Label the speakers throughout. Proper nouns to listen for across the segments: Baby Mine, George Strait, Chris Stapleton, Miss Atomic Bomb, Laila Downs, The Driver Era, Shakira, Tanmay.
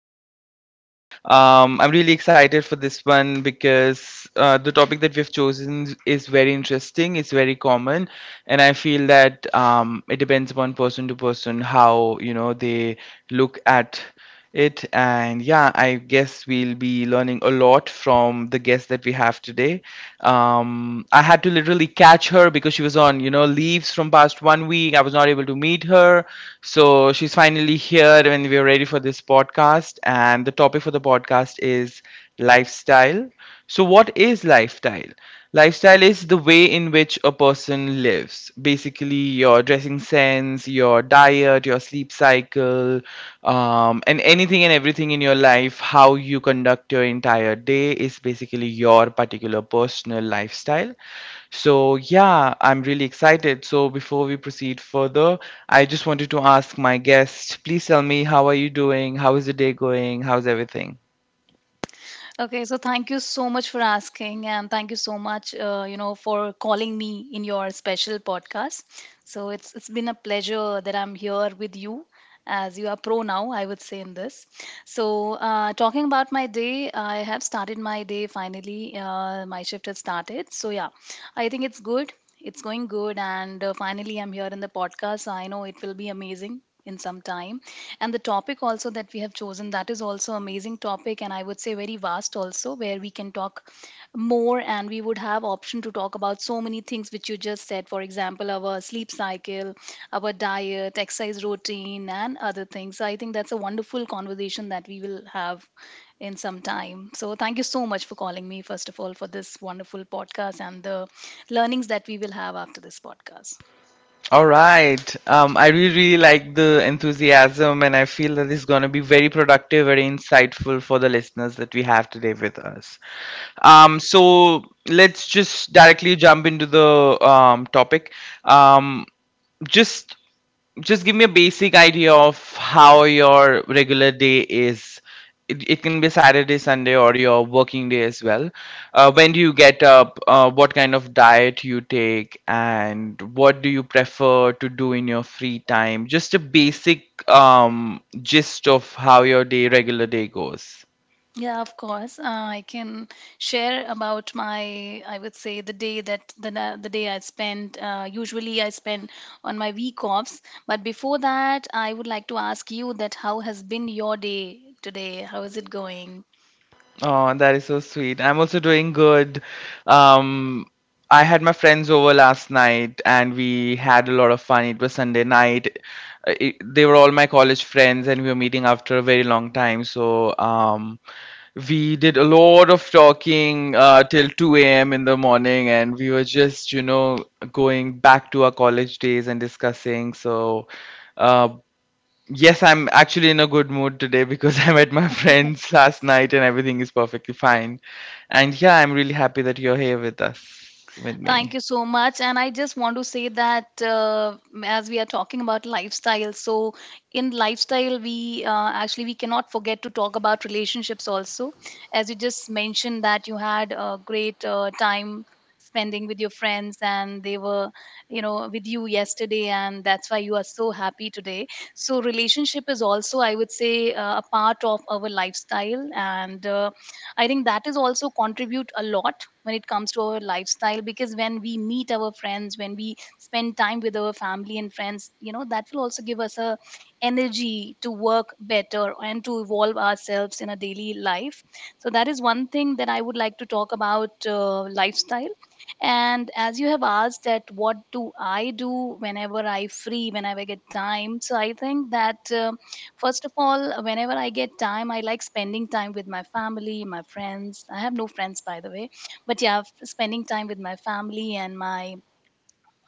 Speaker 1: podcast. I'm really excited for this one because the topic that we've chosen is very interesting. It's very common, and I feel that it depends upon person to person how they look at it. And yeah, I guess we'll be learning a lot from the guest that we have today. I had to literally catch her because she was on, leaves from past one week. I was not able to meet her. So she's finally here and we're ready for this podcast. And the topic for the podcast is lifestyle. So, what is lifestyle? Lifestyle is the way in which a person lives. Basically, your dressing sense, your diet, your sleep cycle, and anything and everything in your life, how you conduct your entire day is basically your particular personal lifestyle. So, yeah, I'm really excited. So, before we proceed further, I just wanted to ask my guest, please tell me, how are you doing? How is the day going? How's everything?
Speaker 2: Okay, so thank you so much for asking, and thank you so much, for calling me in your special podcast. So it's been a pleasure that I'm here with you, as you are pro now, I would say in this. So talking about my day, I have started my day finally. My shift has started. So yeah, I think it's good. It's going good, and finally I'm here in the podcast. I know it will be amazing in some time, and the topic also that we have chosen, that is also amazing topic, and I would say very vast also, where we can talk more and we would have option to talk about so many things which you just said, for example our sleep cycle, our diet, exercise routine, and other things. So I think that's a wonderful conversation that we will have in some time. So thank you so much for calling me first of all for this wonderful podcast and the learnings that we will have after this podcast.
Speaker 1: All right. I really, really like the enthusiasm, and I feel that this is going to be very productive, very insightful for the listeners that we have today with us. So let's just directly jump into the topic. Um, just just give me a basic idea of how your regular day is. It can be Saturday, Sunday, or your working day as well. When do you get up? What kind of diet you take, and what do you prefer to do in your free time? Just a basic gist of how your regular day goes.
Speaker 2: Yeah, of course. I can share about my, I would say, the day the day I spend. Usually, I spend on my week offs. But before that, I would like to ask you that how has been your day today? How is it going?
Speaker 1: Oh, that is so sweet. I'm also doing good. Um, I had my friends over last night and we had a lot of fun. It was Sunday night. They were all my college friends and we were meeting after a very long time. We did a lot of talking till 2 a.m. in the morning and we were just, going back to our college days and discussing. Uh, Yes, I'm actually in a good mood today because I met my friends last night and everything is perfectly fine. And yeah, I'm really happy that you're here with us, with
Speaker 2: Thank
Speaker 1: me.
Speaker 2: you so much. And I just want to say that, as we are talking about lifestyle, so in lifestyle we cannot forget to talk about relationships also, as you just mentioned that you had a great time spending with your friends and they were, you know, with you yesterday, and that's why you are so happy today. So relationship is also, I would say, a part of our lifestyle, and I think that is also contribute a lot when it comes to our lifestyle, because when we meet our friends, when we spend time with our family and friends, you know, that will also give us a energy to work better and to evolve ourselves in a daily life. So that is one thing that I would like to talk about lifestyle. And as you have asked that what do I do whenever I free, whenever I get time, so I think that first of all, whenever I get time, I like spending time with my family, my friends. I have no friends, by the way, but yeah, spending time with my family and my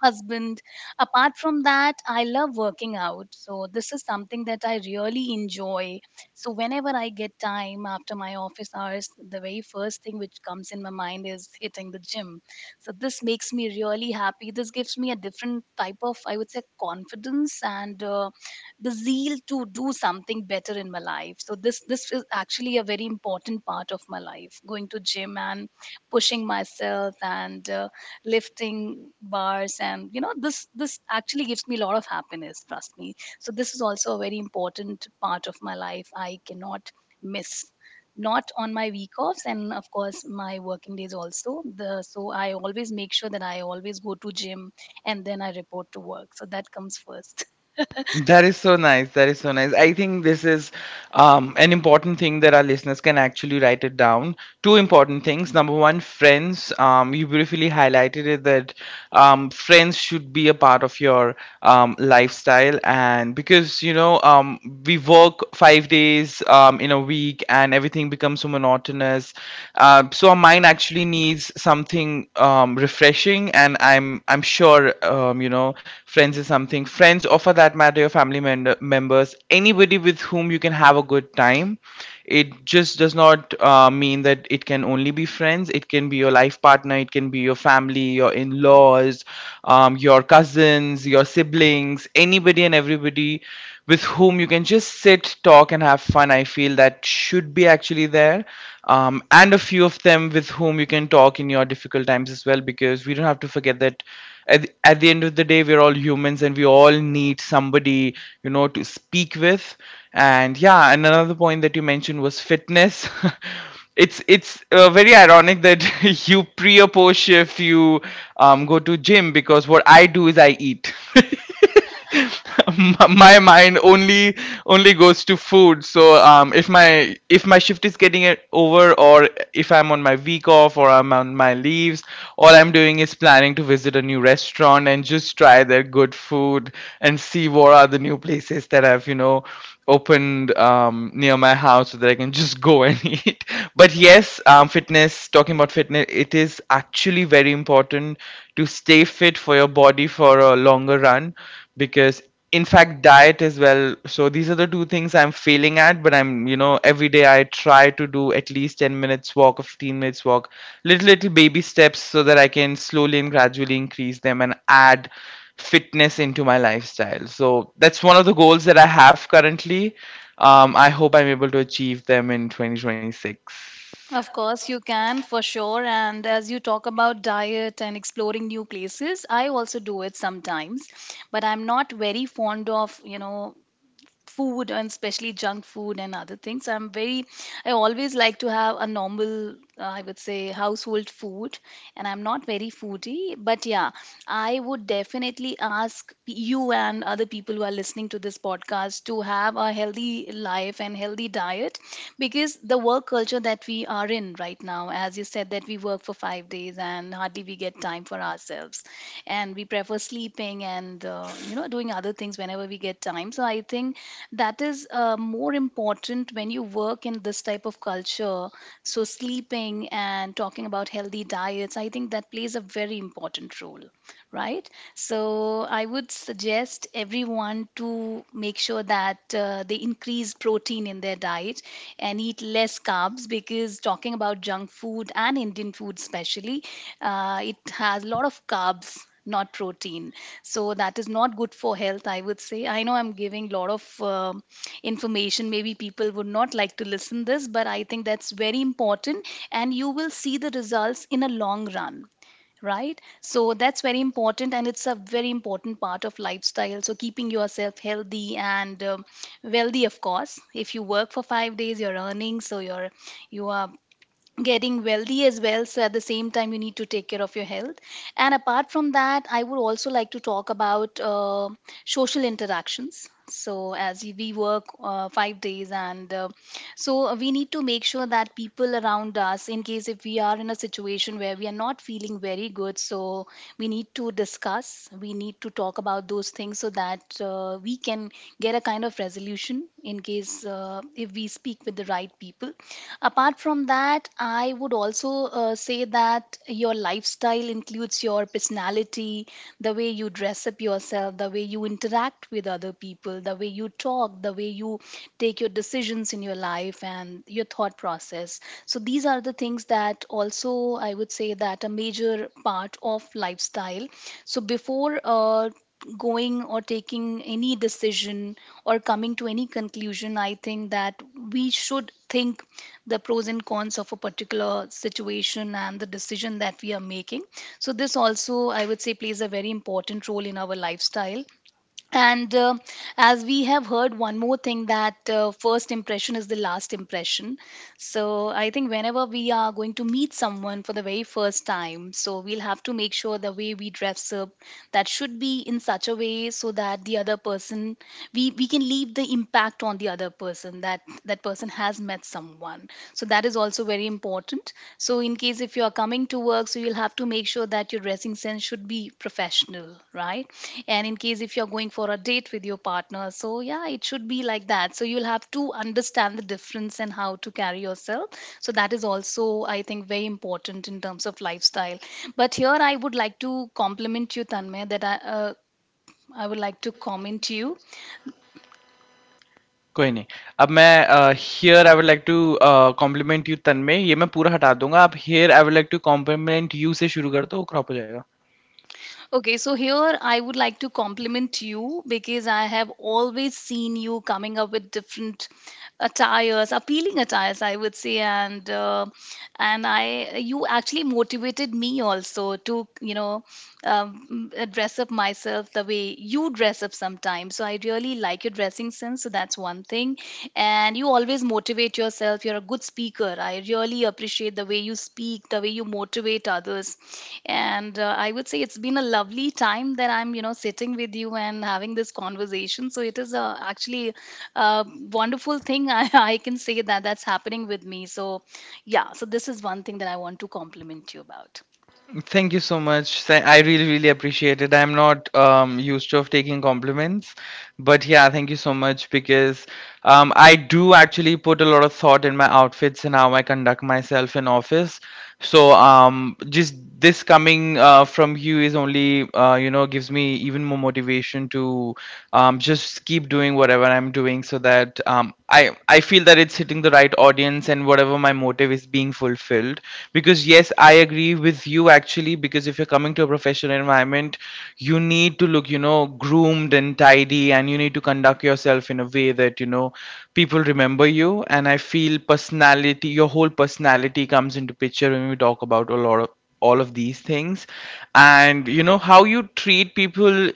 Speaker 2: husband. Apart from that, I love working out. So this is something that I really enjoy. So whenever I get time after my office hours, the very first thing which comes in my mind is hitting the gym. So this makes me really happy. This gives me a different type of, I would say, confidence and the zeal to do something better in my life. So this is actually a very important part of my life, going to gym and pushing myself and lifting bars, and you know, this actually gives me a lot of happiness, trust me. So this is also a very important part of my life, I cannot miss, not on my week offs and of course my working days also. The so I always make sure that I always go to gym and then I report to work, so that comes first.
Speaker 1: That is so nice. That is so nice. I think this is an important thing that our listeners can actually write it down. Two important things. Number one, friends. You beautifully highlighted it that friends should be a part of your lifestyle, and because we work 5 days in a week, and everything becomes so monotonous. So our mind actually needs something refreshing, and I'm sure friends is something. Friends, or for that matter, your family members, anybody with whom you can have a good time, it just does not mean that it can only be friends. It can be your life partner, it can be your family, your in laws, your cousins, your siblings, anybody and everybody with whom you can just sit, talk, and have fun. I feel that should be actually there. And a few of them with whom you can talk in your difficult times as well, because we don't have to forget that at the end of the day we're all humans and we all need somebody to speak with. And yeah, and another point that you mentioned was fitness. It's very ironic that you pre or post shift you go to gym, because what I do is I eat. My mind only goes to food. So if my shift is getting it over, or if I'm on my week off or I'm on my leaves, all I'm doing is planning to visit a new restaurant and just try their good food and see what are the new places that I've opened near my house so that I can just go and eat. But yes, fitness, talking about fitness, it is actually very important to stay fit for your body for a longer run, because, in fact, diet as well. So these are the two things I'm failing at, but I'm, every day I try to do at least 10 minutes walk, or 15 minutes walk, little baby steps so that I can slowly and gradually increase them and add fitness into my lifestyle. So that's one of the goals that I have currently. I hope I'm able to achieve them in 2026.
Speaker 2: Of course, you can for sure. And as you talk about diet and exploring new places, I also do it sometimes. But I'm not very fond of, you know, food, and especially junk food and other things. I'm very, I always like to have a normal, I would say, household food, and I'm not very foodie. But yeah, I would definitely ask you and other people who are listening to this podcast to have a healthy life and healthy diet, because the work culture that we are in right now, as you said, that we work for 5 days and hardly we get time for ourselves, and we prefer sleeping and, you know, doing other things whenever we get time. So I think that is more important when you work in this type of culture. So sleeping and talking about healthy diets, I think that plays a very important role, right? So I would suggest everyone to make sure that they increase protein in their diet and eat less carbs, because talking about junk food and indian food especially, it has a lot of carbs, not protein. So that is not good for health, I would say. I know I'm giving a lot of information, maybe people would not like to listen this, but I think that's very important, and you will see the results in a long run, right? So that's very important, and it's a very important part of lifestyle. So keeping yourself healthy and wealthy, of course. If you work for 5 days, you're earning, so you are getting wealthy as well. So at the same time, you need to take care of your health. And apart from that, I would also like to talk about social interactions. So as we work 5 days, and so we need to make sure that people around us, in case if we are in a situation where we are not feeling very good, so we need to discuss, we need to talk about those things, so that we can get a kind of resolution in case if we speak with the right people. Apart from that, I would also say that your lifestyle includes your personality, the way you dress up yourself, the way you interact with other people, the way you talk, the way you take your decisions in your life, and your thought process. So these are the things that also I would say that a major part of lifestyle. So before going or taking any decision or coming to any conclusion, I think that we should think the pros and cons of a particular situation and the decision that we are making. So this also, I would say, plays a very important role in our lifestyle. And as we have heard, one more thing, that first impression is the last impression. So I think whenever we are going to meet someone for the very first time, so we'll have to make sure the way we dress up, that should be in such a way so that the other person, we can leave the impact on the other person, that person has met someone. So that is also very important. So in case if you are coming to work, so you'll have to make sure that your dressing sense should be professional, right? And in case if you're going for a date with your partner, so yeah, it should be like that. So you'll have to understand the difference and how to carry yourself. So that is also, I think, very important in terms of lifestyle. But here I would like to compliment you, Tanmay, that I would like to comment you.
Speaker 1: कोई नहीं अब मैं here I would like to compliment you Tanmay ये मैं पूरा हटा दूंगा आप here I would like to compliment you से शुरू कर दो वो क्रॉप हो जाएगा.
Speaker 2: Okay, so here I would like to compliment you because I have always seen you coming up with different attires, appealing attires, I would say, and I you actually motivated me also to, you know, dress up myself the way you dress up sometimes. So I really like your dressing sense. So that's one thing, and you always motivate yourself. You're a good speaker. I really appreciate the way you speak, the way you motivate others. And I would say it's been a lovely time that I'm, you know, sitting with you and having this conversation. So it is actually a wonderful thing. I can say that that's happening with me. So yeah, so this is one thing that I want to compliment you about.
Speaker 1: Thank you so much. I really, really appreciate it. I'm not used to of taking compliments, but yeah, thank you so much. Because I do actually put a lot of thought in my outfits and how I conduct myself in office. So just this coming from you is only gives me even more motivation to just keep doing whatever I'm doing so that I feel that it's hitting the right audience and whatever my motive is being fulfilled. Because yes, I agree with you actually. Because if you're coming to a professional environment, you need to look, groomed and tidy, and you need to conduct yourself in a way that people remember you. And I feel personality, your whole personality comes into picture when we talk about a lot of all of these things. And how you treat people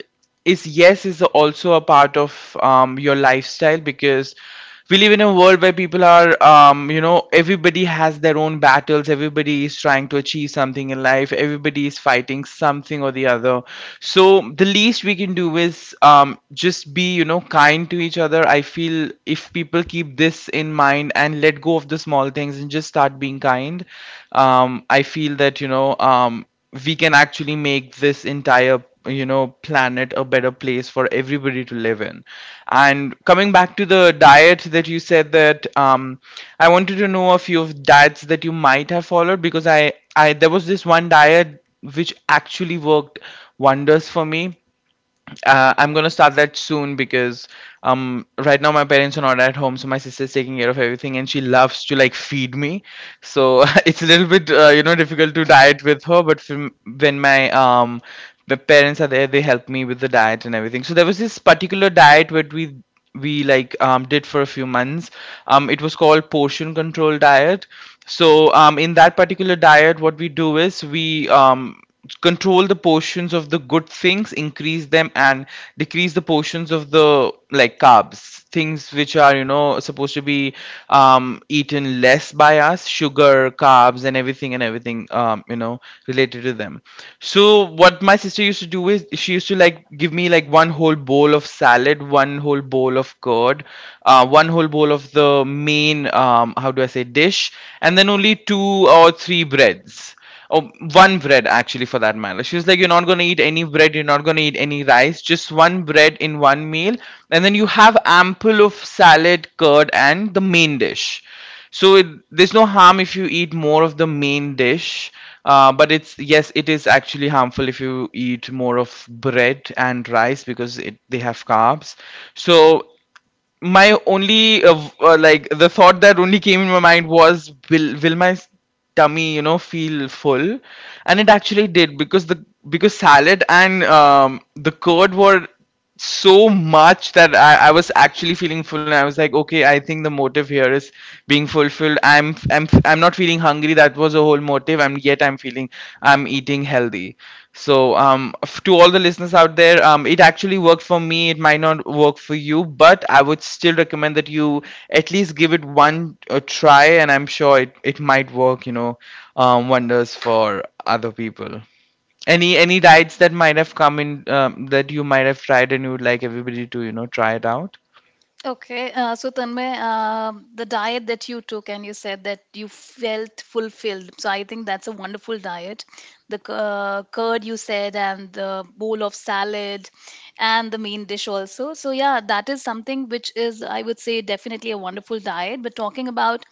Speaker 1: is, yes, is also a part of your lifestyle, because we live in a world where people are, everybody has their own battles, everybody is trying to achieve something in life, everybody is fighting something or the other. So the least we can do is just be kind to each other. I feel if people keep this in mind and let go of the small things and just start being kind, I feel that we can actually make this entire planet a better place for everybody to live in. And coming back to the diet that you said that, I wanted to know a few of diets that you might have followed, because I there was this one diet which actually worked wonders for me. I'm gonna start that soon because right now my parents are not at home, so my sister's taking care of everything, and she loves to like feed me. So it's a little bit difficult to diet with her, but when my the parents are there, they help me with the diet and everything. So there was this particular diet where we like did for a few months. It was called portion control diet. So in that particular diet, what we do is we control the portions of the good things, increase them, and decrease the portions of the like carbs, things which are supposed to be eaten less by us, sugar, carbs and everything, and everything related to them. So what my sister used to do is she used to like give me like one whole bowl of salad, one whole bowl of curd, one whole bowl of the main, how do I say, dish, and then only two or three breads. Oh, one bread actually for that matter. She was like, "You're not gonna eat any bread, you're not gonna eat any rice, just one bread in one meal, and then you have ample of salad, curd, and the main dish." So there's no harm if you eat more of the main dish, but it's yes, it is actually harmful if you eat more of bread and rice, because they have carbs. So my only like the thought that only came in my mind was will my tummy feel full. And it actually did because the because salad and the curd were so much that I was actually feeling full, and I was like, okay, I think the motive here is being fulfilled. I'm not feeling hungry. That was a whole motive, and yet I'm feeling, I'm eating healthy. So to all the listeners out there, it actually worked for me. It might not work for you, but I would still recommend that you at least give it one try, and I'm sure it might work, wonders for other people. Any diets that might have come in, that you might have tried and you would like everybody to try it out?
Speaker 2: Okay, so Tanmay, the diet that you took and you said that you felt fulfilled. So I think that's a wonderful diet. The curd you said, and the bowl of salad, and the main dish also. So yeah, that is something which is, I would say, definitely a wonderful diet. But talking about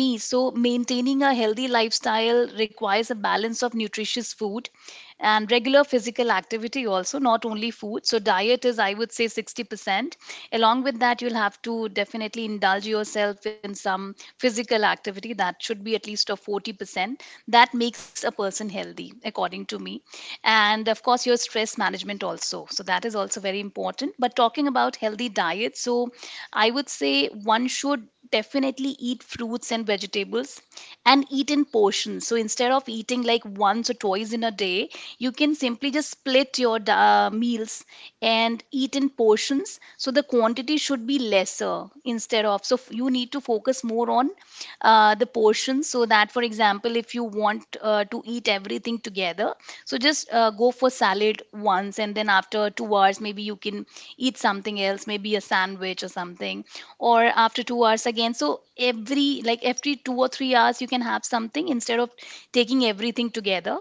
Speaker 2: me, so maintaining a healthy lifestyle requires a balance of nutritious food and regular physical activity also, not only food. So diet is, I would say, 60%, along with that you'll have to definitely indulge yourself in some physical activity, that should be at least of 40%. That makes a person healthy according to me, and of course your stress management also, so that is also very important. But talking about healthy diet, so I would say one should definitely eat fruits and vegetables and eat in portions. So instead of eating like once or twice in a day, you can simply just split your meals and eat in portions. So the quantity should be lesser instead of. You need to focus more on the portions so that, for example, if you want to eat everything together, so just go for salad once and then after 2 hours, maybe you can eat something else, maybe a sandwich or something, or after 2 hours again. So every, like, every 2 or 3 hours you can have something instead of taking everything together.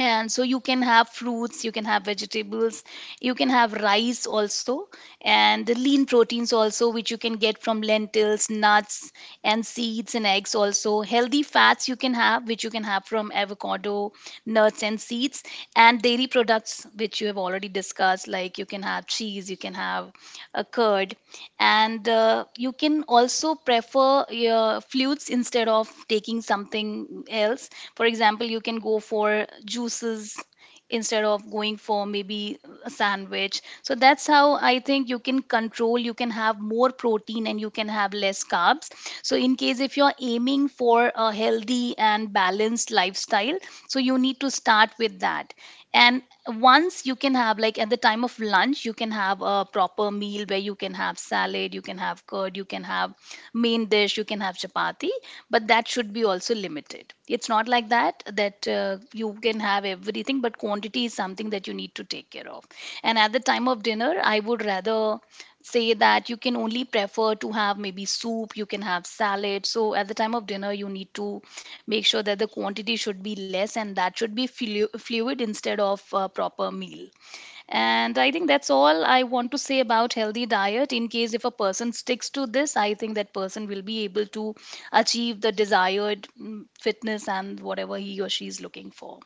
Speaker 2: And so you can have fruits, you can have vegetables, you can have rice also, and the lean proteins also, which you can get from lentils, nuts and seeds and eggs also. Healthy fats you can have, which you can have from avocado, nuts and seeds, and dairy products, which you have already discussed. Like, you can have cheese, you can have a curd, and you can also prefer your fluids instead of taking something else. For example, you can go for juices instead of going for maybe a sandwich. So that's how I think you can control. You can have more protein and you can have less carbs. So in case if you're aiming for a healthy and balanced lifestyle, so you need to start with that. And once you can have, like at the time of lunch you can have a proper meal where you can have salad, you can have curd, you can have main dish, you can have chapati, but that should be also limited. It's not like that that you can have everything, but quantity is something that you need to take care of. And at the time of dinner, I would rather say that you can only prefer to have maybe soup, you can have salad. So at the time of dinner, you need to make sure that the quantity should be less and that should be fluid instead of a proper meal. And I think that's all I want to say about healthy diet. In case if a person sticks to this, I think that person will be able to achieve the desired fitness and whatever he or she is looking for.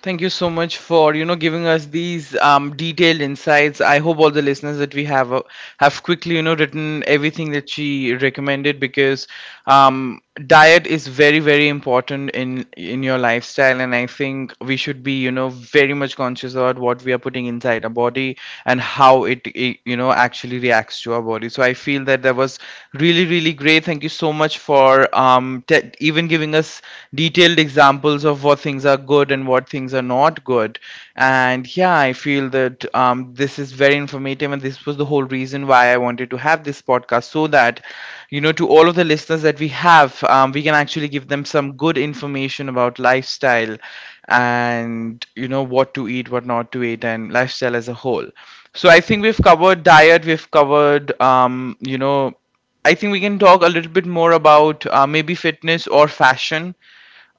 Speaker 1: Thank you so much for giving us these detailed insights. I hope all the listeners that we have quickly written everything that she recommended, because diet is very very important in your lifestyle, and I think we should be very much conscious about what we are putting inside our body and how it actually reacts to our body. So I feel that that was really really great. Thank you so much for even giving us detailed examples of what things are good and what things are not good. And yeah, I feel that this is very informative, and this was the whole reason why I wanted to have this podcast so that, you know, to all of the listeners that we have, we can actually give them some good information about lifestyle and, you know, what to eat, what not to eat, and lifestyle as a whole. So I think we've covered diet, we've covered, I think we can talk a little bit more about maybe fitness or fashion.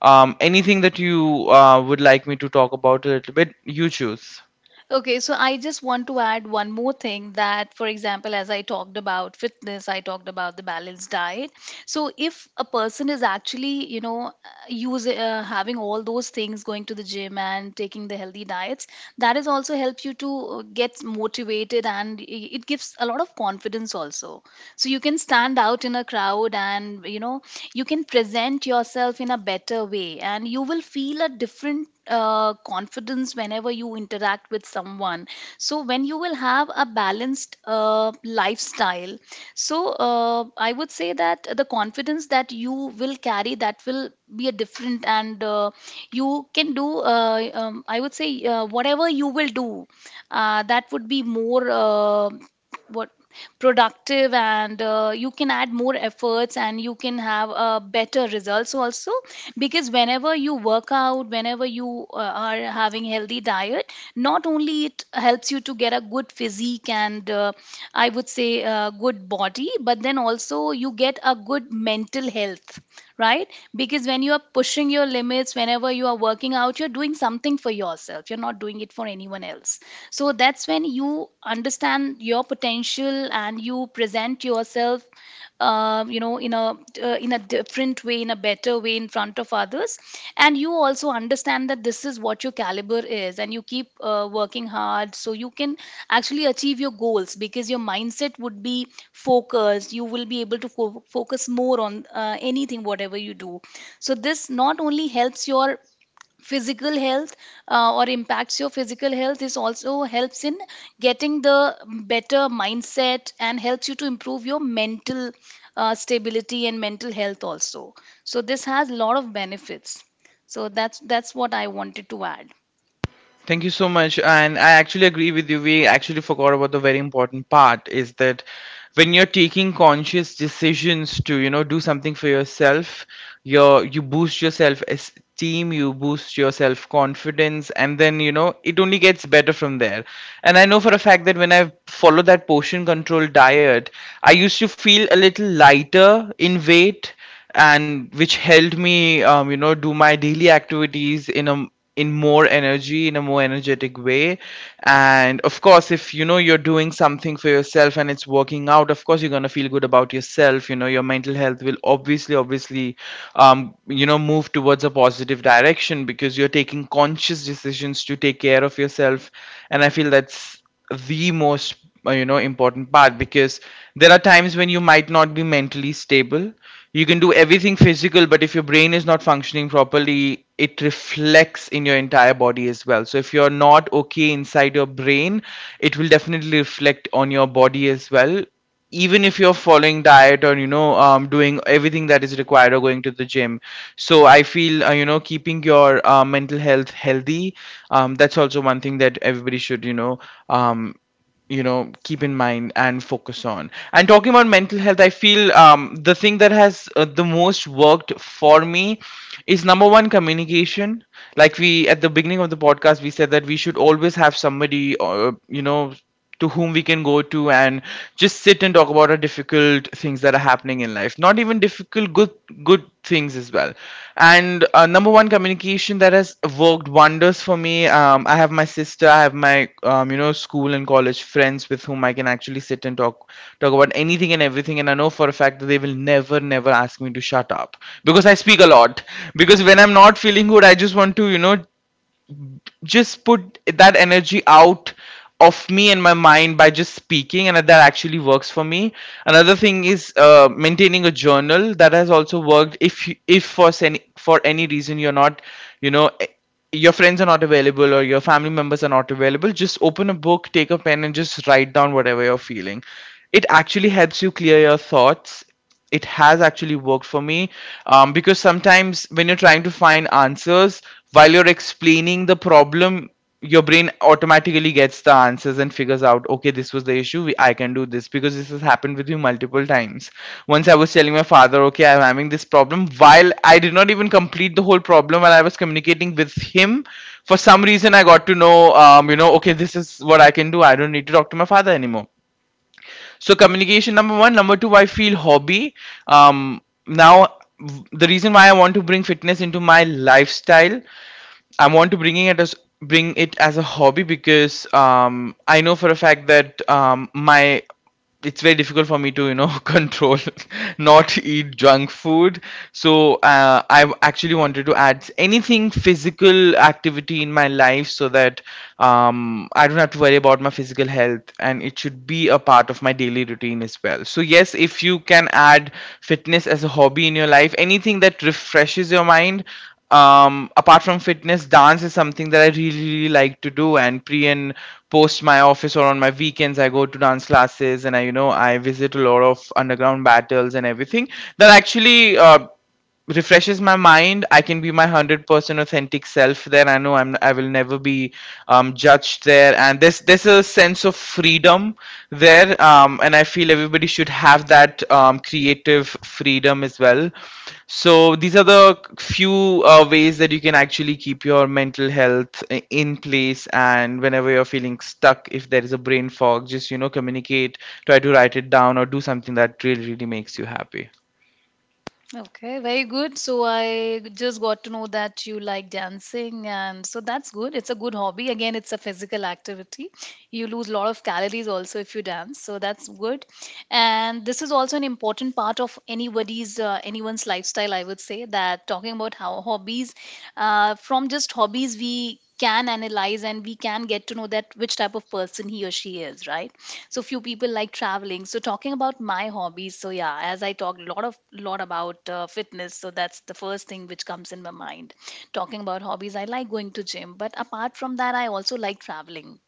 Speaker 1: Anything that you would like me to talk about a little bit, you choose.
Speaker 2: Okay, so I just want to add one more thing that, for example, as I talked about fitness, I talked about the balanced diet. So if a person is actually, you know, use having all those things, going to the gym and taking the healthy diets, that is also help you to get motivated and it gives a lot of confidence also. So you can stand out in a crowd and, you know, you can present yourself in a better way and you will feel a different confidence whenever you interact with someone. So when you will have a balanced lifestyle, so I would say that the confidence that you will carry, that will be a different. And you can do I would say whatever you will do, that would be more, what productive, and you can add more efforts and you can have better results also. Because whenever you work out, whenever you are having healthy diet, not only it helps you to get a good physique and, I would say, a good body, but then also you get a good mental health, right? Because when you are pushing your limits, whenever you are working out, you're doing something for yourself. You're not doing it for anyone else. So that's when you understand your potential and you present yourself you know, in a different way, in a better way in front of others. And you also understand that this is what your caliber is, and you keep working hard so you can actually achieve your goals, because your mindset would be focused. You will be able to focus more on anything, whatever you do. So this not only helps your physical health, or impacts your physical health, this also helps in getting the better mindset and helps you to improve your mental stability and mental health also. So this has a lot of benefits. So that's what I wanted to add.
Speaker 1: Thank you so much. And I actually agree with you. We actually forgot about the very important part is that when you're taking conscious decisions to, you know, do something for yourself, you boost your self-esteem, you boost your self-confidence, and then, you know, it only gets better from there. And I know for a fact that when I follow that portion control diet, I used to feel a little lighter in weight, and which helped me do my daily activities in a in more energy in a more energetic way. And of course, if you know you're doing something for yourself and it's working out, of course you're going to feel good about yourself. You know, your mental health will obviously move towards a positive direction because you're taking conscious decisions to take care of yourself. And I feel that's the most important part, because there are times when you might not be mentally stable. You can do everything physical, but if your brain is not functioning properly, it reflects in your entire body as well. So if you're not okay inside your brain, it will definitely reflect on your body as well, even if you're following diet or you know doing everything that is required or going to the gym. So I feel keeping your mental health healthy, that's also one thing that everybody should um, keep in mind and focus on. And talking about mental health, I feel the thing that has the most worked for me is number one, communication. Like we at the beginning of the podcast, we said that we should always have somebody to whom we can go to and just sit and talk about our difficult things that are happening in life, not even difficult, good good things as well. And number one, communication, that has worked wonders for me. I have my sister, I have my school and college friends with whom I can actually sit and talk about anything and everything. And I know for a fact that they will never ask me to shut up because I speak a lot. Because when I'm not feeling good, I just want to just put that energy out of me and my mind by just speaking, and that actually works for me. Another thing is maintaining a journal. That has also worked. If for any reason you're not you know eh, your friends are not available or your family members are not available, just open a book, take a pen, and just write down whatever you're feeling. It actually helps you clear your thoughts. It has actually worked for me. Because sometimes when you're trying to find answers, while you're explaining the problem, your brain automatically gets the answers and figures out, okay, this was the issue. I can do this. Because this has happened with me multiple times. Once I was telling my father, okay, I'm having this problem, while I did not even complete the whole problem. While I was communicating with him, for some reason, I got to know, okay, this is what I can do. I don't need to talk to my father anymore. So communication, number one. Number two, I feel, hobby. Um now the reason why I want to bring fitness into my lifestyle, I want to bringing it as bring it as a hobby, because I know for a fact that my it's very difficult for me to you know control not eat junk food. So I actually wanted to add anything physical activity in my life so that I don't have to worry about my physical health, and it should be a part of my daily routine as well. So yes, if you can add fitness as a hobby in your life, anything that refreshes your mind, apart from fitness, dance is something that I really, really like to do. And pre and post my office or on my weekends, I go to dance classes and I, you know, I visit a lot of underground battles and everything. That actually refreshes my mind. I can be my 100% authentic self there. I know I will never be judged there. And there's a sense of freedom there. And I feel everybody should have that creative freedom as well. So these are the few ways that you can actually keep your mental health in place. And whenever you're feeling stuck, if there is a brain fog, just communicate, try to write it down, or do something that really really makes you happy.
Speaker 2: Okay, very good. So I just got to know that you like dancing, and so that's good. It's a good hobby. Again, it's a physical activity. You lose a lot of calories also if you dance, so that's good. And this is also an important part of anybody's anyone's lifestyle, I would say, that talking about how hobbies, from just hobbies we can analyze and we can get to know that which type of person he or she is, right? So few people like traveling. So talking about my hobbies, so yeah, as I talked a lot of lot about fitness, so that's the first thing which comes in my mind. Talking about hobbies, I like going to gym, but apart from that, I also like traveling.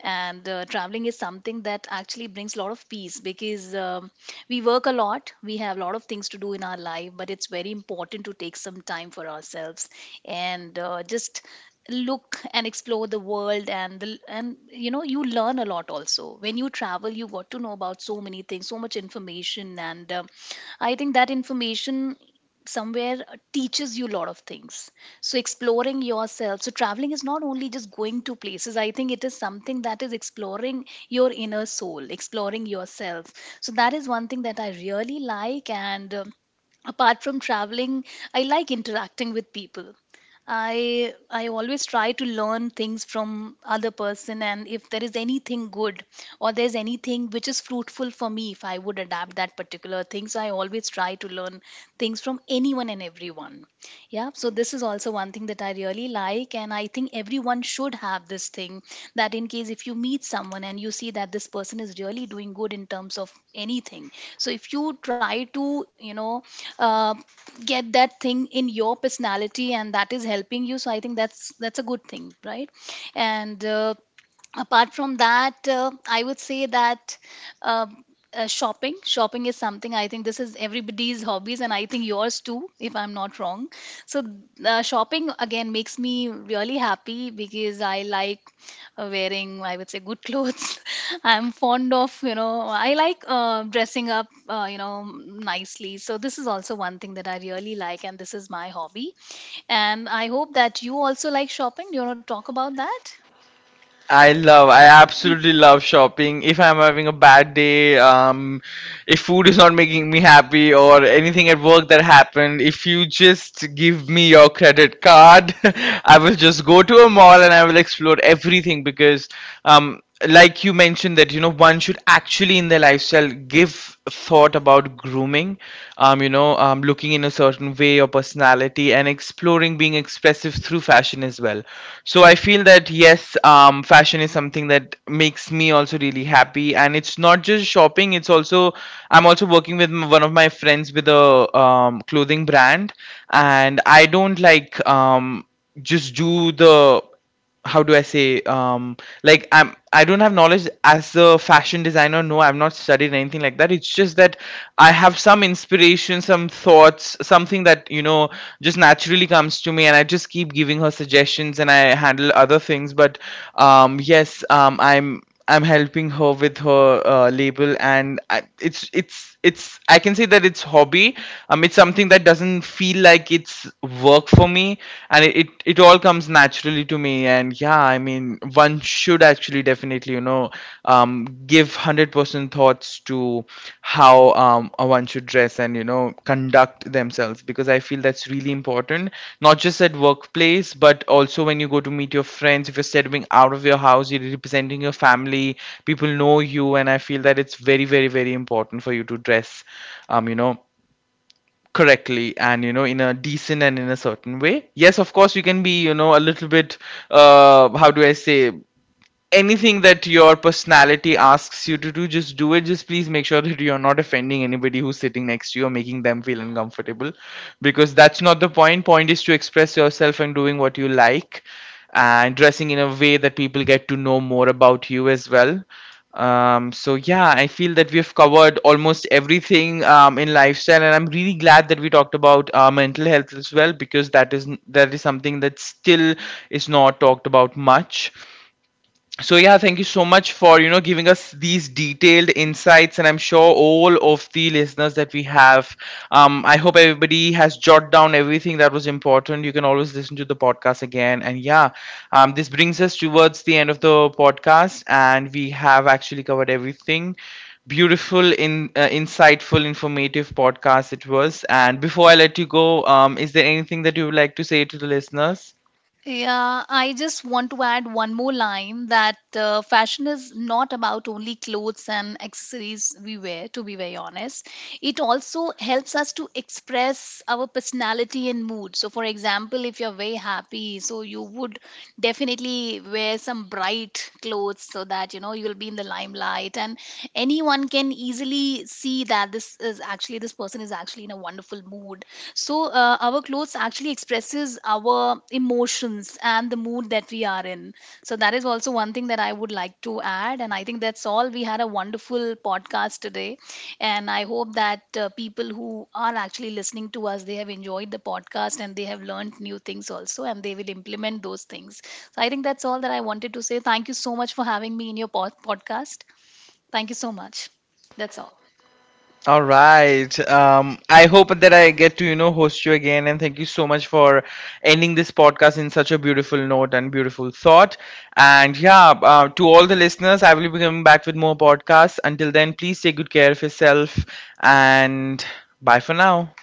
Speaker 2: And traveling is something that actually brings a lot of peace, because we work a lot, we have a lot of things to do in our life, but it's very important to take some time for ourselves. And just look and explore the world and the, and you know, you learn a lot also. When you travel, you got to know about so many things, so much information. And I think that information somewhere teaches you a lot of things. So exploring yourself, so traveling is not only just going to places, I think it is something that is exploring your inner soul, exploring yourself. So that is one thing that I really like. And apart from traveling, I like interacting with people. I always try to learn things from other person, and if there is anything good or there's anything which is fruitful for me, if I would adapt that particular thing, so I always try to learn things from anyone and everyone. Yeah, so this is also one thing that I really like, and I think everyone should have this thing, that in case if you meet someone and you see that this person is really doing good in terms of anything. So if you try to, you know, uh, get that thing in your personality and that is helping you, so I think that's a good thing, right? And apart from that, I would say that um shopping is something, I think this is everybody's hobbies, and I think yours too, if I'm not wrong. So shopping again makes me really happy, because I like wearing, I would say, good clothes. I'm fond of, you know, I like dressing up, you know, nicely. So this is also one thing that I really like, and this is my hobby. And I hope that you also like shopping. Do you want to talk about that?
Speaker 1: I love, I absolutely love shopping. If I'm having a bad day, if food is not making me happy or anything at work that happened, if you just give me your credit card, I will just go to a mall and I will explore everything. Because um, like you mentioned that you know one should actually in their lifestyle give thought about grooming, looking in a certain way or personality and exploring being expressive through fashion as well. So I feel that yes, fashion is something that makes me also really happy, and it's not just shopping, it's also, I'm also working with one of my friends with a clothing brand. And I don't like just do the how do I say like, I don't have knowledge as a fashion designer. No, I've not studied anything like that. It's just that I have some inspiration, some thoughts, something that you know just naturally comes to me, and I just keep giving her suggestions and I handle other things. But yes, I'm helping her with her label, and it's I can say that it's hobby. It's something that doesn't feel like it's work for me, and it all comes naturally to me. And yeah, I mean, one should actually definitely give 100% thoughts to how one should dress and you know conduct themselves, because I feel that's really important. Not just at workplace, but also when you go to meet your friends. If you're stepping out of your house, you're representing your family, people know you, and I feel that it's very very very important for you to dress um, you know correctly and you know in a decent and in a certain way. Yes, of course, you can be you know a little bit, how do I say anything that your personality asks you to do, just do it. Just please make sure that you're not offending anybody who's sitting next to you or making them feel uncomfortable, because that's not the point. Point is to express yourself and doing what you like, and dressing in a way that people get to know more about you as well. So yeah, I feel that we've covered almost everything in lifestyle, and I'm really glad that we talked about mental health as well, because that is something that still is not talked about much. So yeah, thank you so much for giving us these detailed insights, and I'm sure all of the listeners that we have, I hope everybody has jotted down everything that was important. You can always listen to the podcast again. And yeah, this brings us towards the end of the podcast, and we have actually covered everything beautiful in insightful informative podcast it was. And before I let you go, is there anything that you would like to say to the listeners?
Speaker 2: Yeah, I just want to add one more line that fashion is not about only clothes and accessories we wear, to be very honest. It also helps us to express our personality and mood. So, for example, if you're very happy, so you would definitely wear some bright clothes so that, you know, you'll be in the limelight, and anyone can easily see that this is actually, this person is actually in a wonderful mood. So our clothes actually expresses our emotions and the mood that we are in. So that is also one thing that I would like to add, and I think that's all. We had a wonderful podcast today, and I hope that people who are actually listening to us, they have enjoyed the podcast and they have learned new things also, and they will implement those things. So I think that's all that I wanted to say. Thank you so much for having me in your podcast. Thank you so much. That's all.
Speaker 1: All right. I hope that I get to, you know, host you again. And thank you so much for ending this podcast in such a beautiful note and beautiful thought. And yeah, to all the listeners, I will be coming back with more podcasts. Until then, please take good care of yourself and bye for now.